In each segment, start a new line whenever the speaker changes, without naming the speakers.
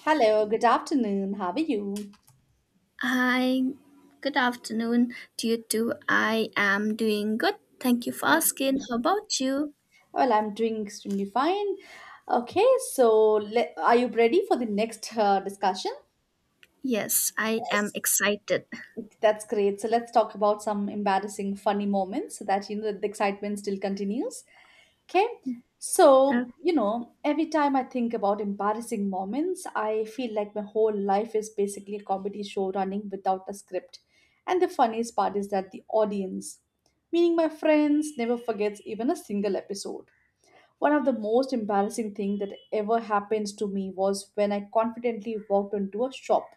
Hello, good afternoon. How are you?
Hi, good afternoon to you too. I am doing good. Thank you for
Um,
asking. How about you?
Well, I'm doing extremely fine. Okay, so are you ready for the next discussion?
Yes, I am
Yes.
excited.
That's great. So let's talk about some embarrassing, funny moments so that you know the excitement still continues. Okay.
Uh,
So, you know, every time I think about embarrassing moments, I feel like my whole life is basically a comedy show running without a script. And the funniest part is that the audience, meaning my friends, never forgets even a single episode. One of the most embarrassing things that ever happened to me was when I confidently walked into a shop,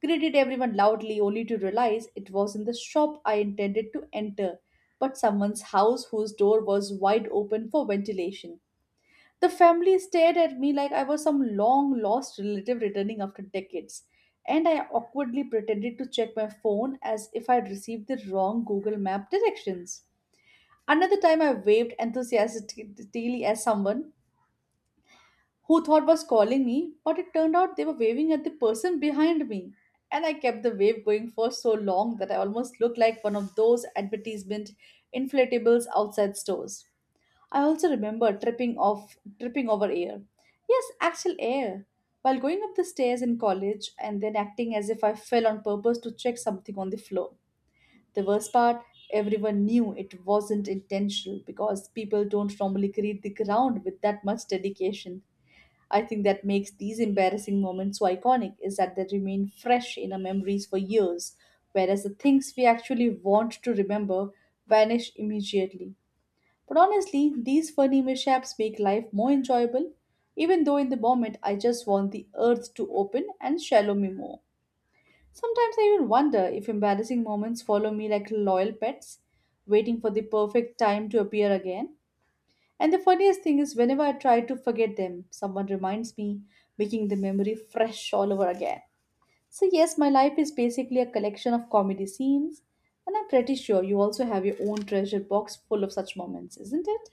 greeted everyone loudly only to realize it was in the shop I intended to enter, but someone's house whose door was wide open for ventilation. The family stared at me like I was some long lost relative returning after decades, and I awkwardly pretended to check my phone as if I had received the wrong Google Map directions. Another time, I waved enthusiastically at someone who thought was calling me, but it turned out they were waving at the person behind me. And I kept the wave going for so long that I almost looked like one of those advertisement inflatables outside stores. I also remember tripping over air. Yes, actual air. While going up the stairs in college and then acting as if I fell on purpose to check something on the floor. The worst part, everyone knew it wasn't intentional because people don't normally create the ground with that much dedication. I think that makes these embarrassing moments so iconic is that they remain fresh in our memories for years, whereas the things we actually want to remember vanish immediately. But honestly, these funny mishaps make life more enjoyable, even though in the moment I just want the earth to open and swallow me more. Sometimes I even wonder if embarrassing moments follow me like loyal pets, waiting for the perfect time to appear again. And the funniest thing is, whenever I try to forget them, someone reminds me, making the memory fresh all over again. So, yes, my life is basically a collection of comedy scenes, and I'm pretty sure you also have your own treasure box full of such moments, isn't it?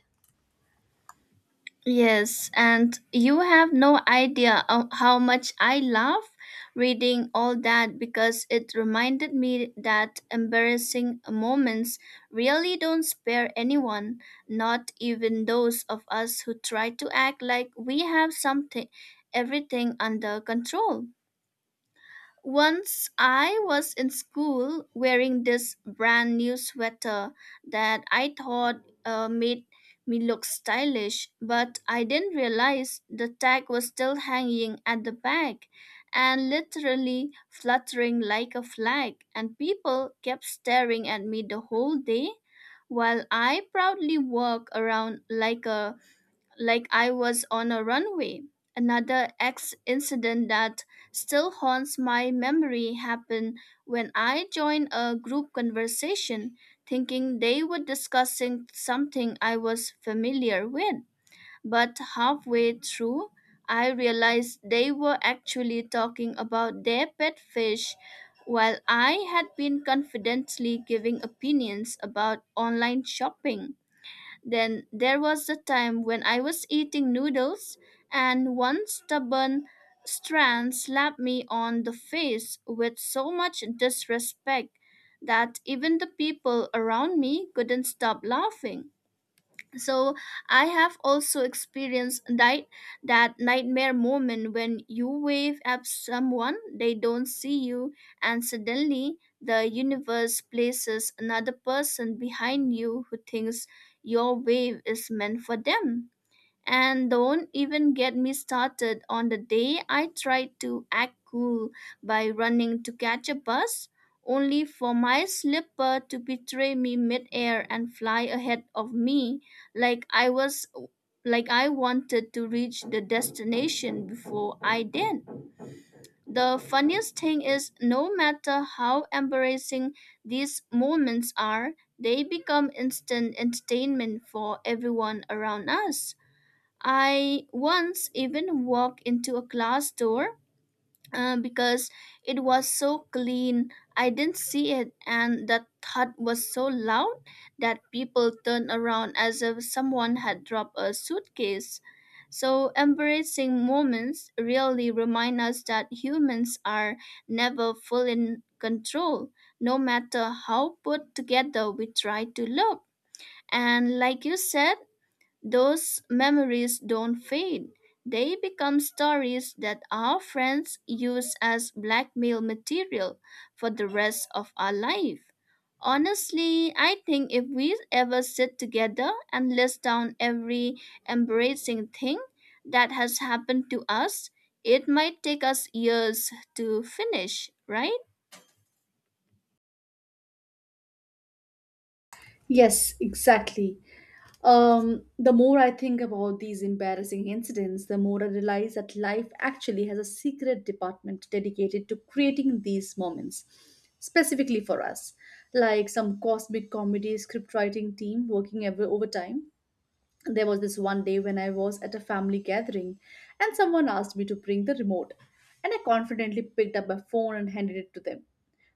Yes, and you have no idea of how much I love reading all that because it reminded me that embarrassing moments really don't spare anyone, not even those of us who try to act like we have something everything under control. Once I was in school wearing this brand new sweater that I thought made me look stylish, but I didn't realize the tag was still hanging at the back and literally fluttering like a flag, and people kept staring at me the whole day while I proudly walk around like I was on a runway. Another ex incident that still haunts my memory happened when I joined a group conversation thinking they were discussing something I was familiar with. But halfway through, I realized they were actually talking about their pet fish while I had been confidently giving opinions about online shopping. Then there was a time when I was eating noodles and one stubborn strand slapped me on the face with so much disrespect that even the people around me couldn't stop laughing. So I have also experienced that nightmare moment when you wave at someone, they don't see you, and suddenly the universe places another person behind you who thinks your wave is meant for them. And don't even get me started on the day I tried to act cool by running to catch a bus, only for my slipper to betray me midair and fly ahead of me like I was like I wanted to reach the destination before I did. The funniest thing is, no matter how embarrassing these moments are, they become instant entertainment for everyone around us. I once even walked into a glass door because it was so clean. I didn't see it, and that thud was so loud that people turned around as if someone had dropped a suitcase. So, embarrassing moments really remind us that humans are never fully in control, no matter how put together we try to look. And, like you said, those memories don't fade. They become stories that our friends use as blackmail material for the rest of our life. Honestly, I think if we ever sit together and list down every embarrassing thing that has happened to us, it might take us years to finish, right?
Yes, exactly. The more I think about these embarrassing incidents, the more I realize that life actually has a secret department dedicated to creating these moments, specifically for us, like some cosmic comedy scriptwriting team working ever overtime. There was this one day when I was at a family gathering and someone asked me to bring the remote, and I confidently picked up my phone and handed it to them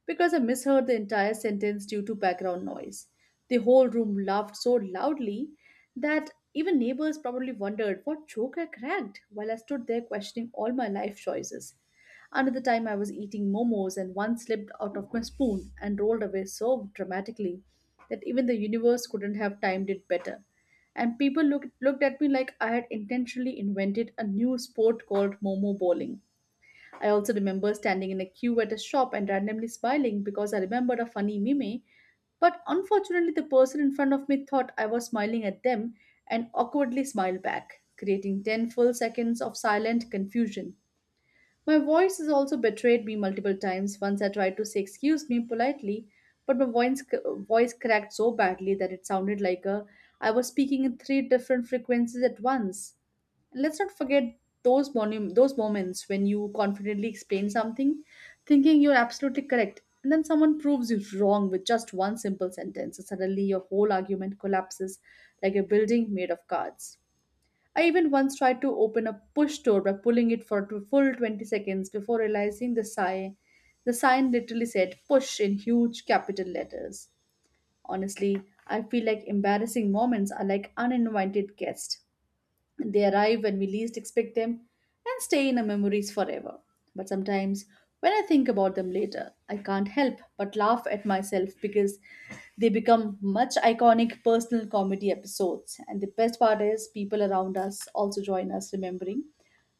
because I misheard the entire sentence due to background noise. The whole room laughed so loudly that even neighbors probably wondered what joke I cracked while I stood there questioning all my life choices. Another time I was eating momos and one slipped out of my spoon and rolled away so dramatically that even the universe couldn't have timed it better and looked at me like I had intentionally invented a new sport called Momo bowling. I also remember standing in a queue at a shop and randomly smiling because I remembered a funny meme, but unfortunately, the person in front of me thought I was smiling at them and awkwardly smiled back, creating 10 full seconds of silent confusion. My voice has also betrayed me multiple times. Once I tried to say excuse me politely, but my voice cracked so badly that it sounded like a I was speaking in three different frequencies at once. Let's not forget those moments when you confidently explain something, thinking you're absolutely correct, and then someone proves you wrong with just one simple sentence, and suddenly your whole argument collapses like a building made of cards. I even once tried to open a push door by pulling it for a full 20 seconds before realizing the sign. The sign literally said push in huge capital letters. Honestly, I feel like embarrassing moments are like uninvited guests. They arrive when we least expect them and stay in our memories forever. But sometimes, when I think about them later, I can't help but laugh at myself because they become much iconic personal comedy episodes. And the best part is, people around us also join us remembering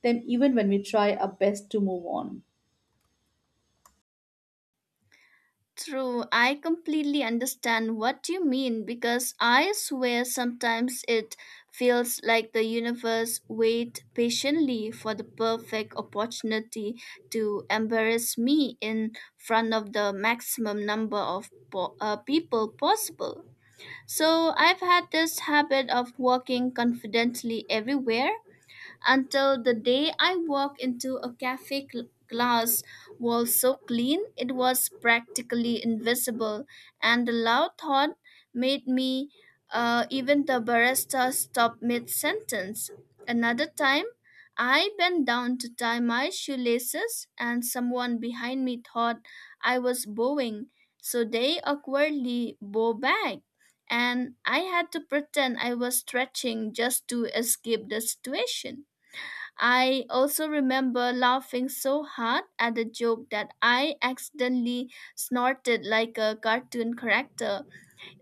them even when we try our best to move on.
True, I completely understand what you mean because I swear sometimes it feels like the universe wait patiently for the perfect opportunity to embarrass me in front of the maximum number of people possible. So I've had this habit of walking confidently everywhere until the day I walked into a cafe glass wall so clean it was practically invisible, and the loud thought made me even the barista stop mid sentence. Another time, I bent down to tie my shoelaces, and someone behind me thought I was bowing, so they awkwardly bow back, and I had to pretend I was stretching just to escape the situation. I also remember laughing so hard at the joke that I accidentally snorted like a cartoon character,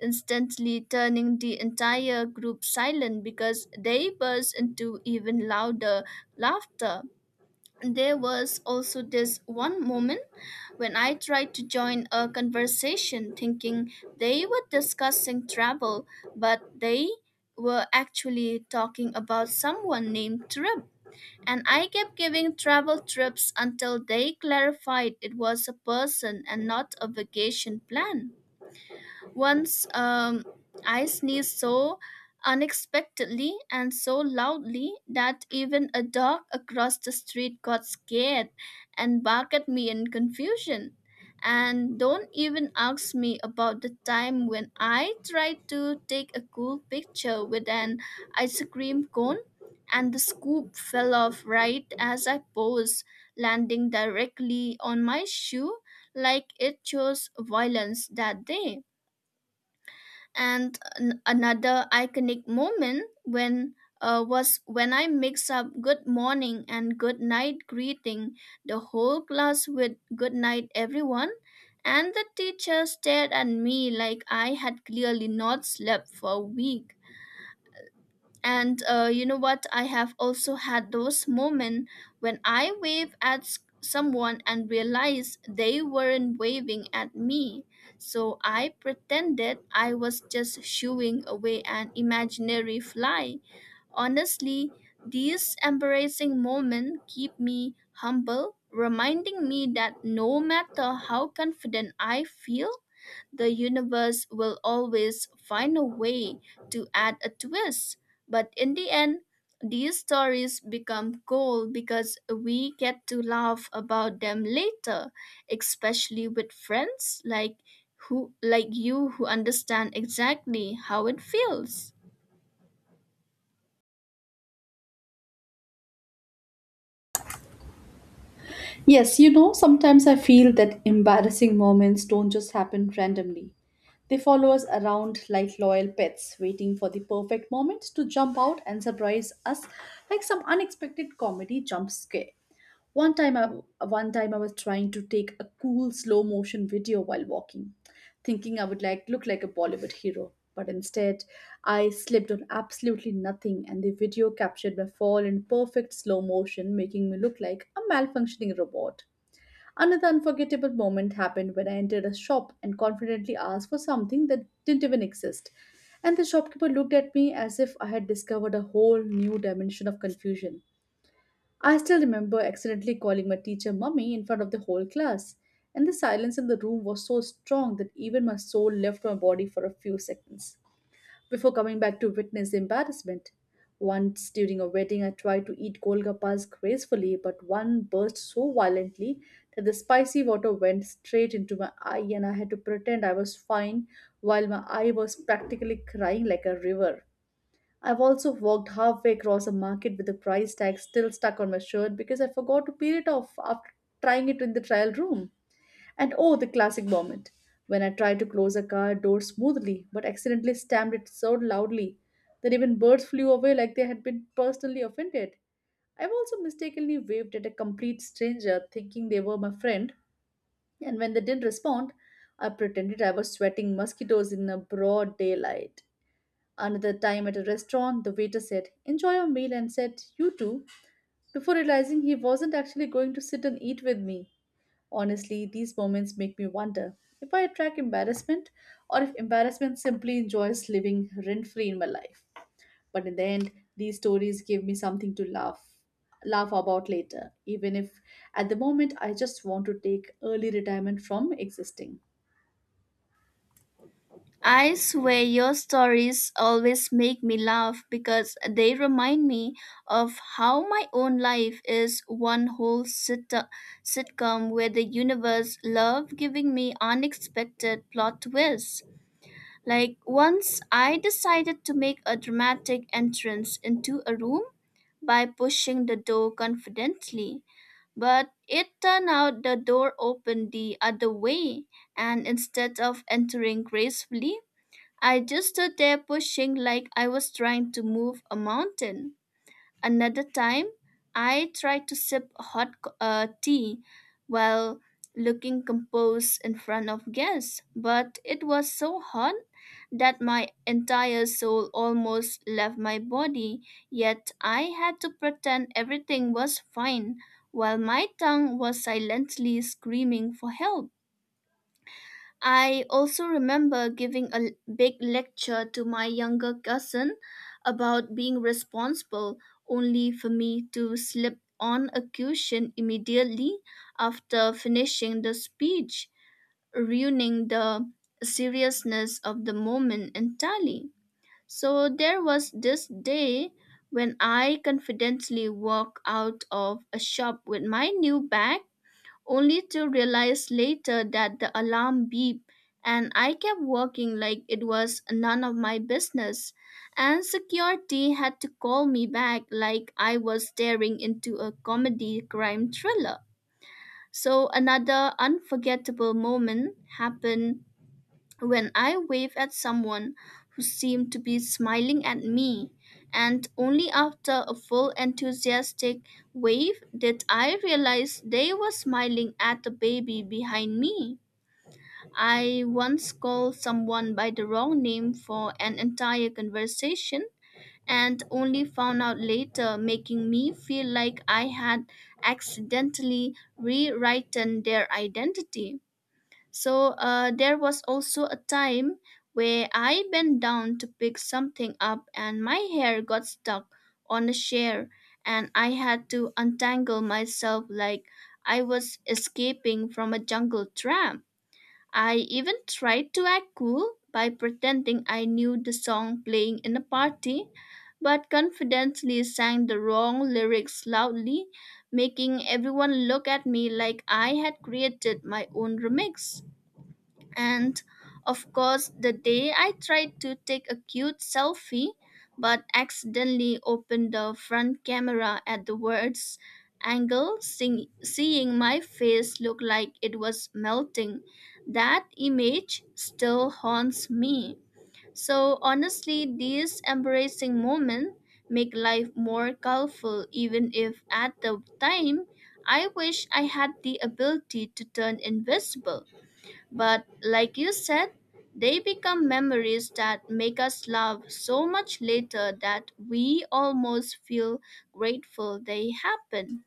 instantly turning the entire group silent because they burst into even louder laughter. There was also this one moment when I tried to join a conversation thinking they were discussing travel, but they were actually talking about someone named Trip, and I kept giving travel trips until they clarified it was a person and not a vacation plan. Once I sneezed so unexpectedly and so loudly that even a dog across the street got scared and barked at me in confusion. And don't even ask me about the time when I tried to take a cool picture with an ice cream cone and the scoop fell off right as I posed, landing directly on my shoe like it chose violence that day. And another iconic moment when was when I mix up good morning and good night, greeting the whole class with good night everyone, and the teacher stared at me like I had clearly not slept for a week. And you know what? I have also had those moments when I wave at someone and realized they weren't waving at me. So I pretended I was just shooing away an imaginary fly. Honestly, these embarrassing moments keep me humble, reminding me that no matter how confident I feel, the universe will always find a way to add a twist. But in the end, these stories become gold because we get to laugh about them later, especially with friends like who like you who understand exactly how it feels.
Yes, you know, sometimes I feel that embarrassing moments don't just happen randomly. They follow us around like loyal pets, waiting for the perfect moment to jump out and surprise us like some unexpected comedy jump scare. One time I one time I was trying to take a cool slow motion video while walking, thinking I would look like a Bollywood hero, but instead I slipped on absolutely nothing, and the video captured my fall in perfect slow motion, making me look like a malfunctioning robot. Another unforgettable moment happened when I entered a shop and confidently asked for something that didn't even exist. And the shopkeeper looked at me as if I had discovered a whole new dimension of confusion. I still remember accidentally calling my teacher mummy in front of the whole class, and the silence in the room was so strong that even my soul left my body for a few seconds before coming back to witness the embarrassment. Once during a wedding, I tried to eat golgappas gracefully, but one burst so violently that the spicy water went straight into my eye, and I had to pretend I was fine while my eye was practically crying like a river. I've also walked halfway across a market with the price tag still stuck on my shirt because I forgot to peel it off after trying it in the trial room. And oh, the classic moment when I tried to close a car door smoothly but accidentally stamped it so loudly that even birds flew away like they had been personally offended. I've also mistakenly waved at a complete stranger thinking they were my friend, and when they didn't respond, I pretended I was sweating mosquitoes in a broad daylight. Another time at a restaurant, the waiter said, Enjoy your meal, and said, You too, before realizing he wasn't actually going to sit and eat with me. Honestly, these moments make me wonder if I attract embarrassment or if embarrassment simply enjoys living rent free in my life. But in the end, these stories give me something to laugh about later, even if at the moment I just want to take early retirement from existing.
I swear your stories always make me laugh because they remind me of how my own life is one whole sitcom where the universe loved giving me unexpected plot twists. Like once I decided to make a dramatic entrance into a room by pushing the door confidently, but it turned out the door opened the other way, and instead of entering gracefully, I just stood there pushing like I was trying to move a mountain. Another time, I tried to sip hot tea while looking composed in front of guests, but it was so hot that my entire soul almost left my body, yet I had to pretend everything was fine while my tongue was silently screaming for help. I also remember giving a big lecture to my younger cousin about being responsible, only for me to slip on a cushion immediately after finishing the speech, ruining the seriousness of the moment entirely. So there was this day when I confidently walked out of a shop with my new bag, only to realize later that the alarm beeped and I kept walking like it was none of my business. And security had to call me back like I was staring into a comedy crime thriller. So another unforgettable moment happened when I wave at someone who seemed to be smiling at me, and only after a full enthusiastic wave did I realize they were smiling at the baby behind me. I once called someone by the wrong name for an entire conversation and only found out later, making me feel like I had accidentally rewritten their identity. So there was also a time where I bent down to pick something up and my hair got stuck on a chair, and I had to untangle myself like I was escaping from a jungle tramp. I even tried to act cool by pretending I knew the song playing in a party, but confidently sang the wrong lyrics loudly, making everyone look at me like I had created my own remix. And of course, the day I tried to take a cute selfie but accidentally opened the front camera at the worst angle, seeing my face look like it was melting, that image still haunts me. So, honestly, these embarrassing moments make life more colorful, even if at the time I wish I had the ability to turn invisible. But like you said, they become memories that make us laugh so much later that we almost feel grateful they happened.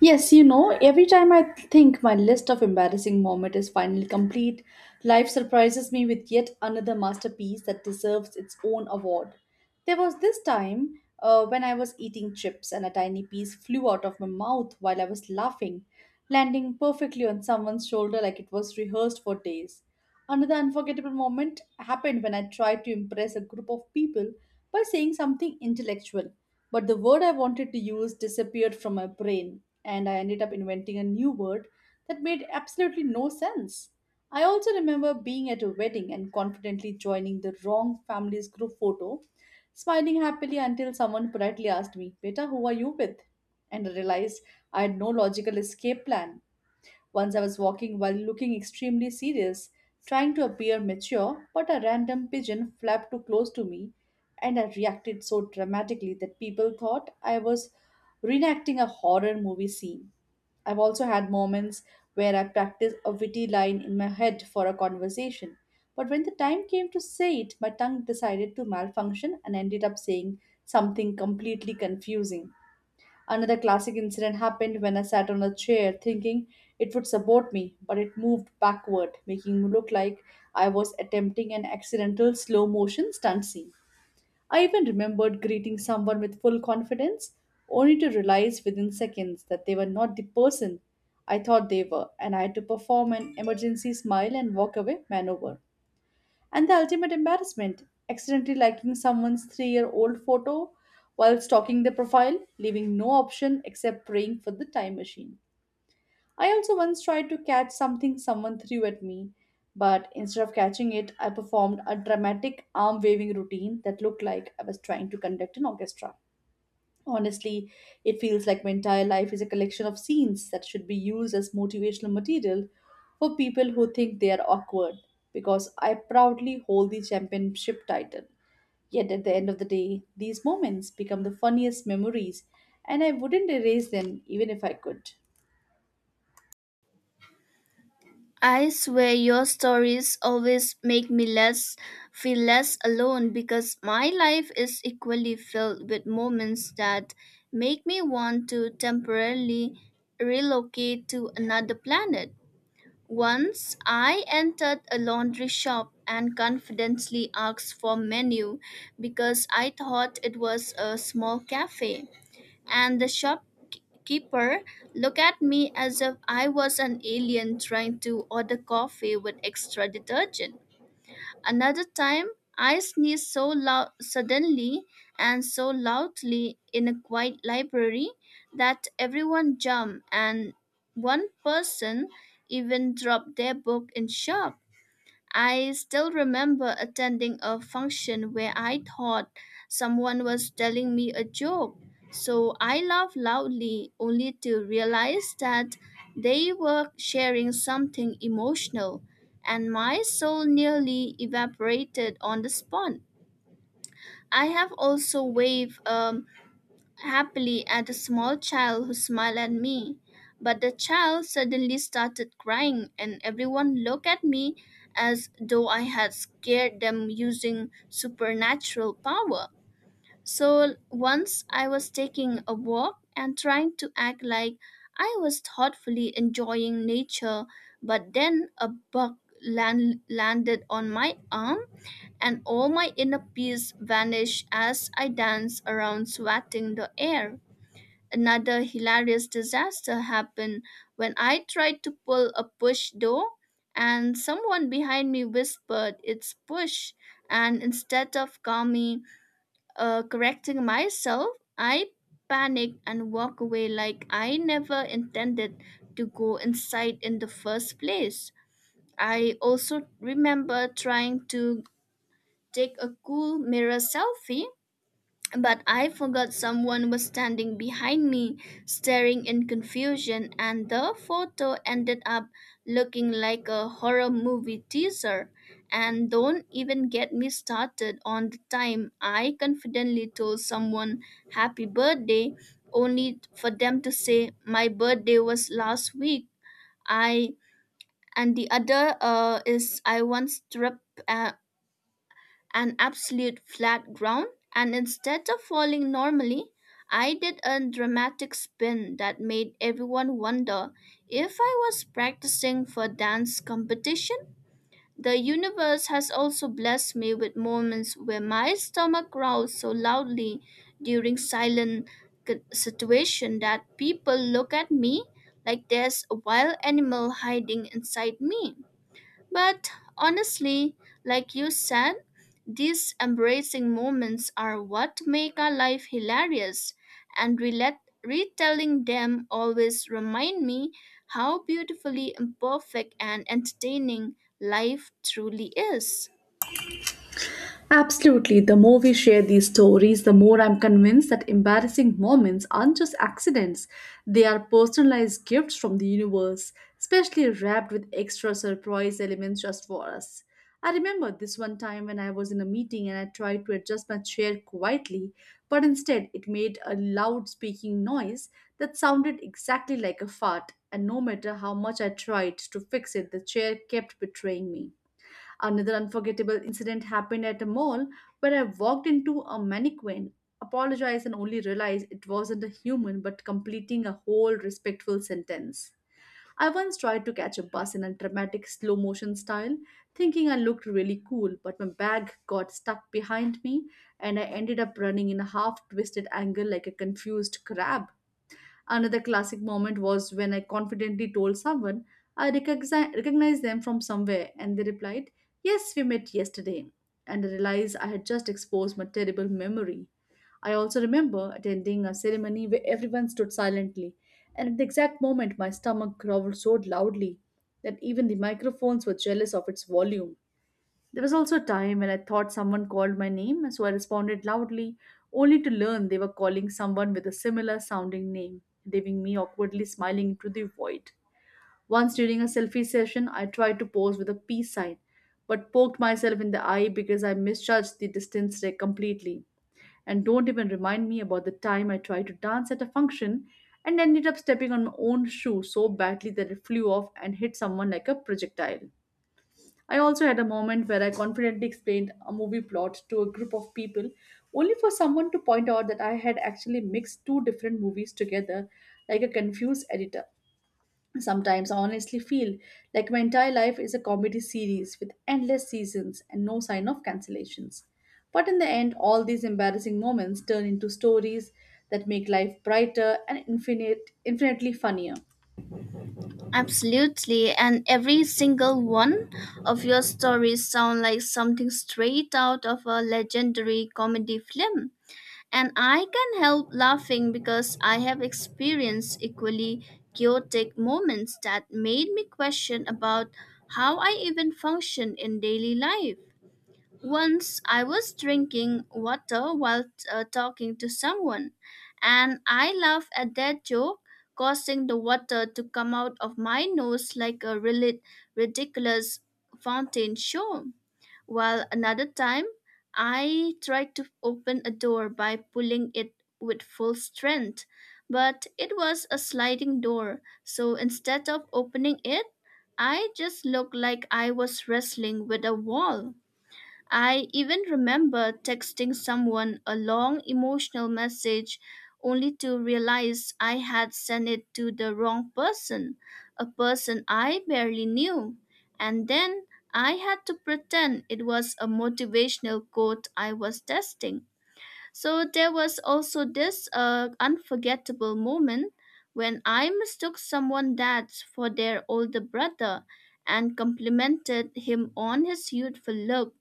Yes, you know, every time I think my list of embarrassing moments is finally complete, life surprises me with yet another masterpiece that deserves its own award. There was this time when I was eating chips and a tiny piece flew out of my mouth while I was laughing, landing perfectly on someone's shoulder like it was rehearsed for days. Another unforgettable moment happened when I tried to impress a group of people by saying something intellectual, but the word I wanted to use disappeared from my brain, and I ended up inventing a new word that made absolutely no sense. I also remember being at a wedding and confidently joining the wrong family's group photo, smiling happily until someone politely asked me, Beta, who are you with? And I realized I had no logical escape plan. Once I was walking while looking extremely serious, trying to appear mature, but a random pigeon flapped too close to me, and I reacted so dramatically that people thought I was reenacting a horror movie scene. I've also had moments where I practiced a witty line in my head for a conversation, but when the time came to say it, my tongue decided to malfunction and ended up saying something completely confusing. Another classic incident happened when I sat on a chair thinking it would support me, but it moved backward, making me look like I was attempting an accidental slow motion stunt scene. I even remembered greeting someone with full confidence, only to realize within seconds that they were not the person I thought they were, and I had to perform an emergency smile and walk away maneuver. And the ultimate embarrassment, accidentally liking someone's 3 year old photo while stalking their profile, leaving no option except praying for the time machine. I also once tried to catch something someone threw at me, but instead of catching it, I performed a dramatic arm waving routine that looked like I was trying to conduct an orchestra. Honestly, it feels like my entire life is a collection of scenes that should be used as motivational material for people who think they are awkward, because I proudly hold the championship title. Yet at the end of the day, these moments become the funniest memories, and I wouldn't erase them even if I could.
I swear your stories always make me less feel less alone because my life is equally filled with moments that make me want to temporarily relocate to another planet. Once I entered a laundry shop and confidently asked for menu because I thought it was a small cafe, and the shopkeeper looked at me as if I was an alien trying to order coffee with extra detergent. Another time, I sneezed so loud suddenly and so loudly in a quiet library that everyone jumped and one person even dropped their book in shock. I still remember attending a function where I thought someone was telling me a joke. So I laughed loudly only to realize that they were sharing something emotional, and my soul nearly evaporated on the spot. I have also waved happily at a small child who smiled at me. But the child suddenly started crying, and everyone looked at me as though I had scared them using supernatural power. So once I was taking a walk and trying to act like I was thoughtfully enjoying nature, but then a bug landed on my arm, and all my inner peace vanished as I danced around swatting the air. Another hilarious disaster happened when I tried to pull a push door and someone behind me whispered, "It's push." And instead of calmly correcting myself, I panicked and walked away like I never intended to go inside in the first place. I also remember trying to take a cool mirror selfie, but I forgot someone was standing behind me, staring in confusion, and the photo ended up looking like a horror movie teaser. And don't even get me started on the time I confidently told someone happy birthday, only for them to say my birthday was last week. I and the other is I once tripped an absolute flat ground, and instead of falling normally, I did a dramatic spin that made everyone wonder if I was practicing for dance competition. The universe has also blessed me with moments where my stomach growls so loudly during silent situation that people look at me like there's a wild animal hiding inside me. But honestly, like you said, these embracing moments are what make our life hilarious, and retelling them always remind me how beautifully imperfect and entertaining life truly is.
Absolutely. The more we share these stories, the more I'm convinced that embarrassing moments aren't just accidents. They are personalized gifts from the universe, especially wrapped with extra surprise elements just for us. I remember this one time when I was in a meeting and I tried to adjust my chair quietly, but instead it made a loud speaking noise that sounded exactly like a fart, and no matter how much I tried to fix it, the chair kept betraying me. Another unforgettable incident happened at a mall where I walked into a mannequin, apologized, and only realized it wasn't a human but completing a whole respectful sentence. I once tried to catch a bus in a dramatic slow motion style, thinking I looked really cool, but my bag got stuck behind me and I ended up running in a half twisted angle like a confused crab. Another classic moment was when I confidently told someone recognized them from somewhere, and they replied, "Yes, we met yesterday." And I realized I had just exposed my terrible memory. I also remember attending a ceremony where everyone stood silently, and at the exact moment, my stomach growled so loudly that even the microphones were jealous of its volume. There was also a time when I thought someone called my name, so I responded loudly, only to learn they were calling someone with a similar sounding name, leaving me awkwardly smiling into the void. Once during a selfie session, I tried to pose with a peace sign, but poked myself in the eye because I misjudged the distance there completely. And don't even remind me about the time I tried to dance at a function and ended up stepping on my own shoe so badly that it flew off and hit someone like a projectile. I also had a moment where I confidently explained a movie plot to a group of people, only for someone to point out that I had actually mixed two different movies together like a confused editor. Sometimes I honestly feel like my entire life is a comedy series with endless seasons and no sign of cancellations. But in the end, all these embarrassing moments turn into stories that make life brighter and infinitely funnier.
Absolutely, and every single one of your stories sound like something straight out of a legendary comedy film. And I can help laughing because I have experienced equally chaotic moments that made me question about how I even function in daily life. Once I was drinking water while talking to someone, and I laughed at that joke, causing the water to come out of my nose like a really ridiculous fountain show. While another time, I tried to open a door by pulling it with full strength, but it was a sliding door, so instead of opening it, I just looked like I was wrestling with a wall. I even remember texting someone a long emotional message only to realize I had sent it to the wrong person, a person I barely knew. And then I had to pretend it was a motivational quote I was testing. So there was also this unforgettable moment when I mistook someone dad for their older brother and complimented him on his youthful look,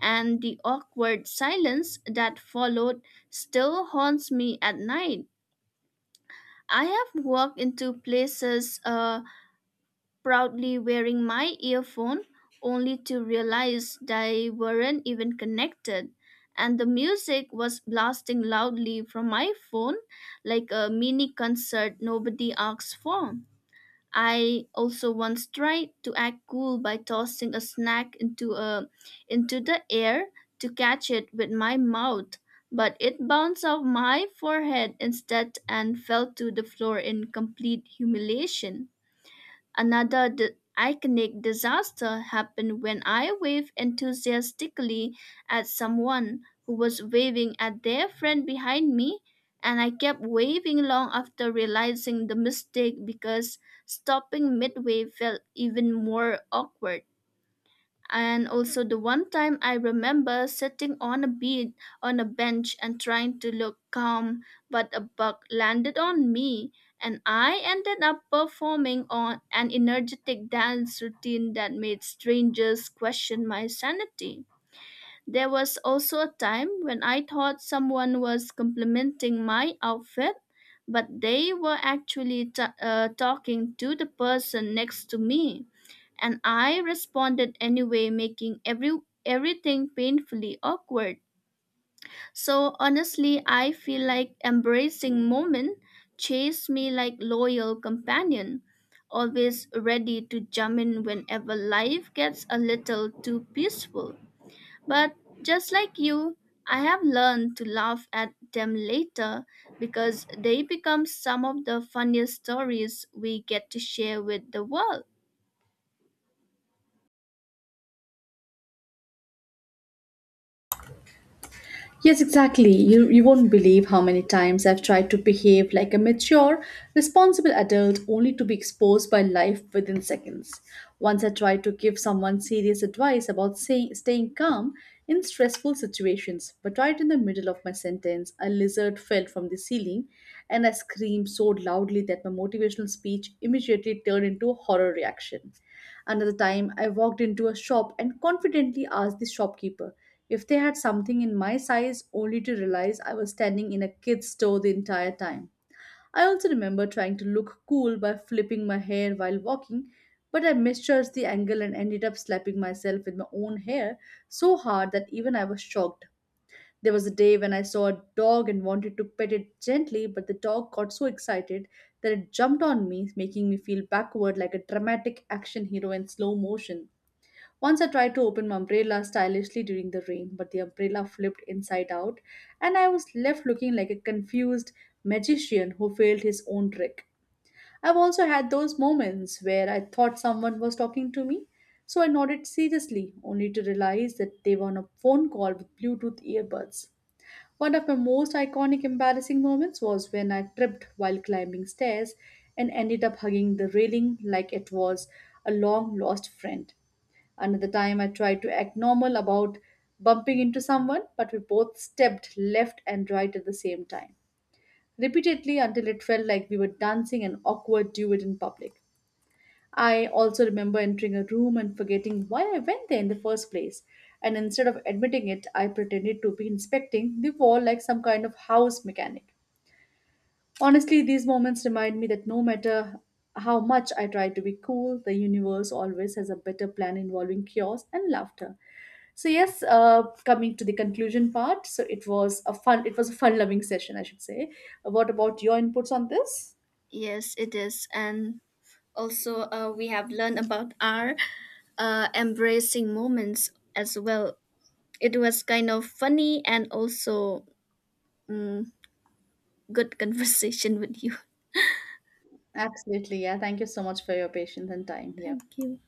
and the awkward silence that followed still haunts me at night. I have walked into places proudly wearing my earphone only to realize they weren't even connected, and the music was blasting loudly from my phone like a mini concert nobody asked for. I also once tried to act cool by tossing a snack into the air to catch it with my mouth, but it bounced off my forehead instead and fell to the floor in complete humiliation. Another iconic disaster happened when I waved enthusiastically at someone who was waving at their friend behind me, and I kept waving long after realizing the mistake because stopping midway felt even more awkward. And also, the one time I remember sitting on a be- on a bench and trying to look calm, but a bug landed on me and I ended up performing on an energetic dance routine that made strangers question my sanity. There was also a time when I thought someone was complimenting my outfit, but they were actually talking to the person next to me, and I responded anyway, making everything painfully awkward. So honestly, I feel like embracing moment chased me like loyal companion, always ready to jump in whenever life gets a little too peaceful. But just like you, I have learned to laugh at them later because they become some of the funniest stories we get to share with the world.
Yes, exactly. You won't believe how many times I've tried to behave like a mature, responsible adult only to be exposed by life within seconds. Once I tried to give someone serious advice about staying calm in stressful situations, but right in the middle of my sentence, a lizard fell from the ceiling and I screamed so loudly that my motivational speech immediately turned into a horror reaction. Another time, I walked into a shop and confidently asked the shopkeeper if they had something in my size, only to realize I was standing in a kid's store the entire time. I also remember trying to look cool by flipping my hair while walking, but I misjudged the angle and ended up slapping myself with my own hair so hard that even I was shocked. There was a day when I saw a dog and wanted to pet it gently, but the dog got so excited that it jumped on me, making me feel backward like a dramatic action hero in slow motion. Once I tried to open my umbrella stylishly during the rain, but the umbrella flipped inside out, and I was left looking like a confused magician who failed his own trick. I've also had those moments where I thought someone was talking to me, so I nodded seriously, only to realize that they were on a phone call with Bluetooth earbuds. One of my most iconic embarrassing moments was when I tripped while climbing stairs and ended up hugging the railing like it was a long lost friend. Another time I tried to act normal about bumping into someone, but we both stepped left and right at the same time, repeatedly, until it felt like we were dancing an awkward duet in public. I also remember entering a room and forgetting why I went there in the first place. And instead of admitting it, I pretended to be inspecting the wall like some kind of house mechanic. Honestly, these moments remind me that no matter how much I try to be cool, the universe always has a better plan involving chaos and laughter. So yes, coming to the conclusion part. So it was a fun-loving session, I should say. What about your inputs on this?
Yes, it is. And also, we have learned about our embracing moments as well. It was kind of funny and also mm, good conversation with you.
Absolutely, yeah. Thank you so much for your patience and time here.
Thank you.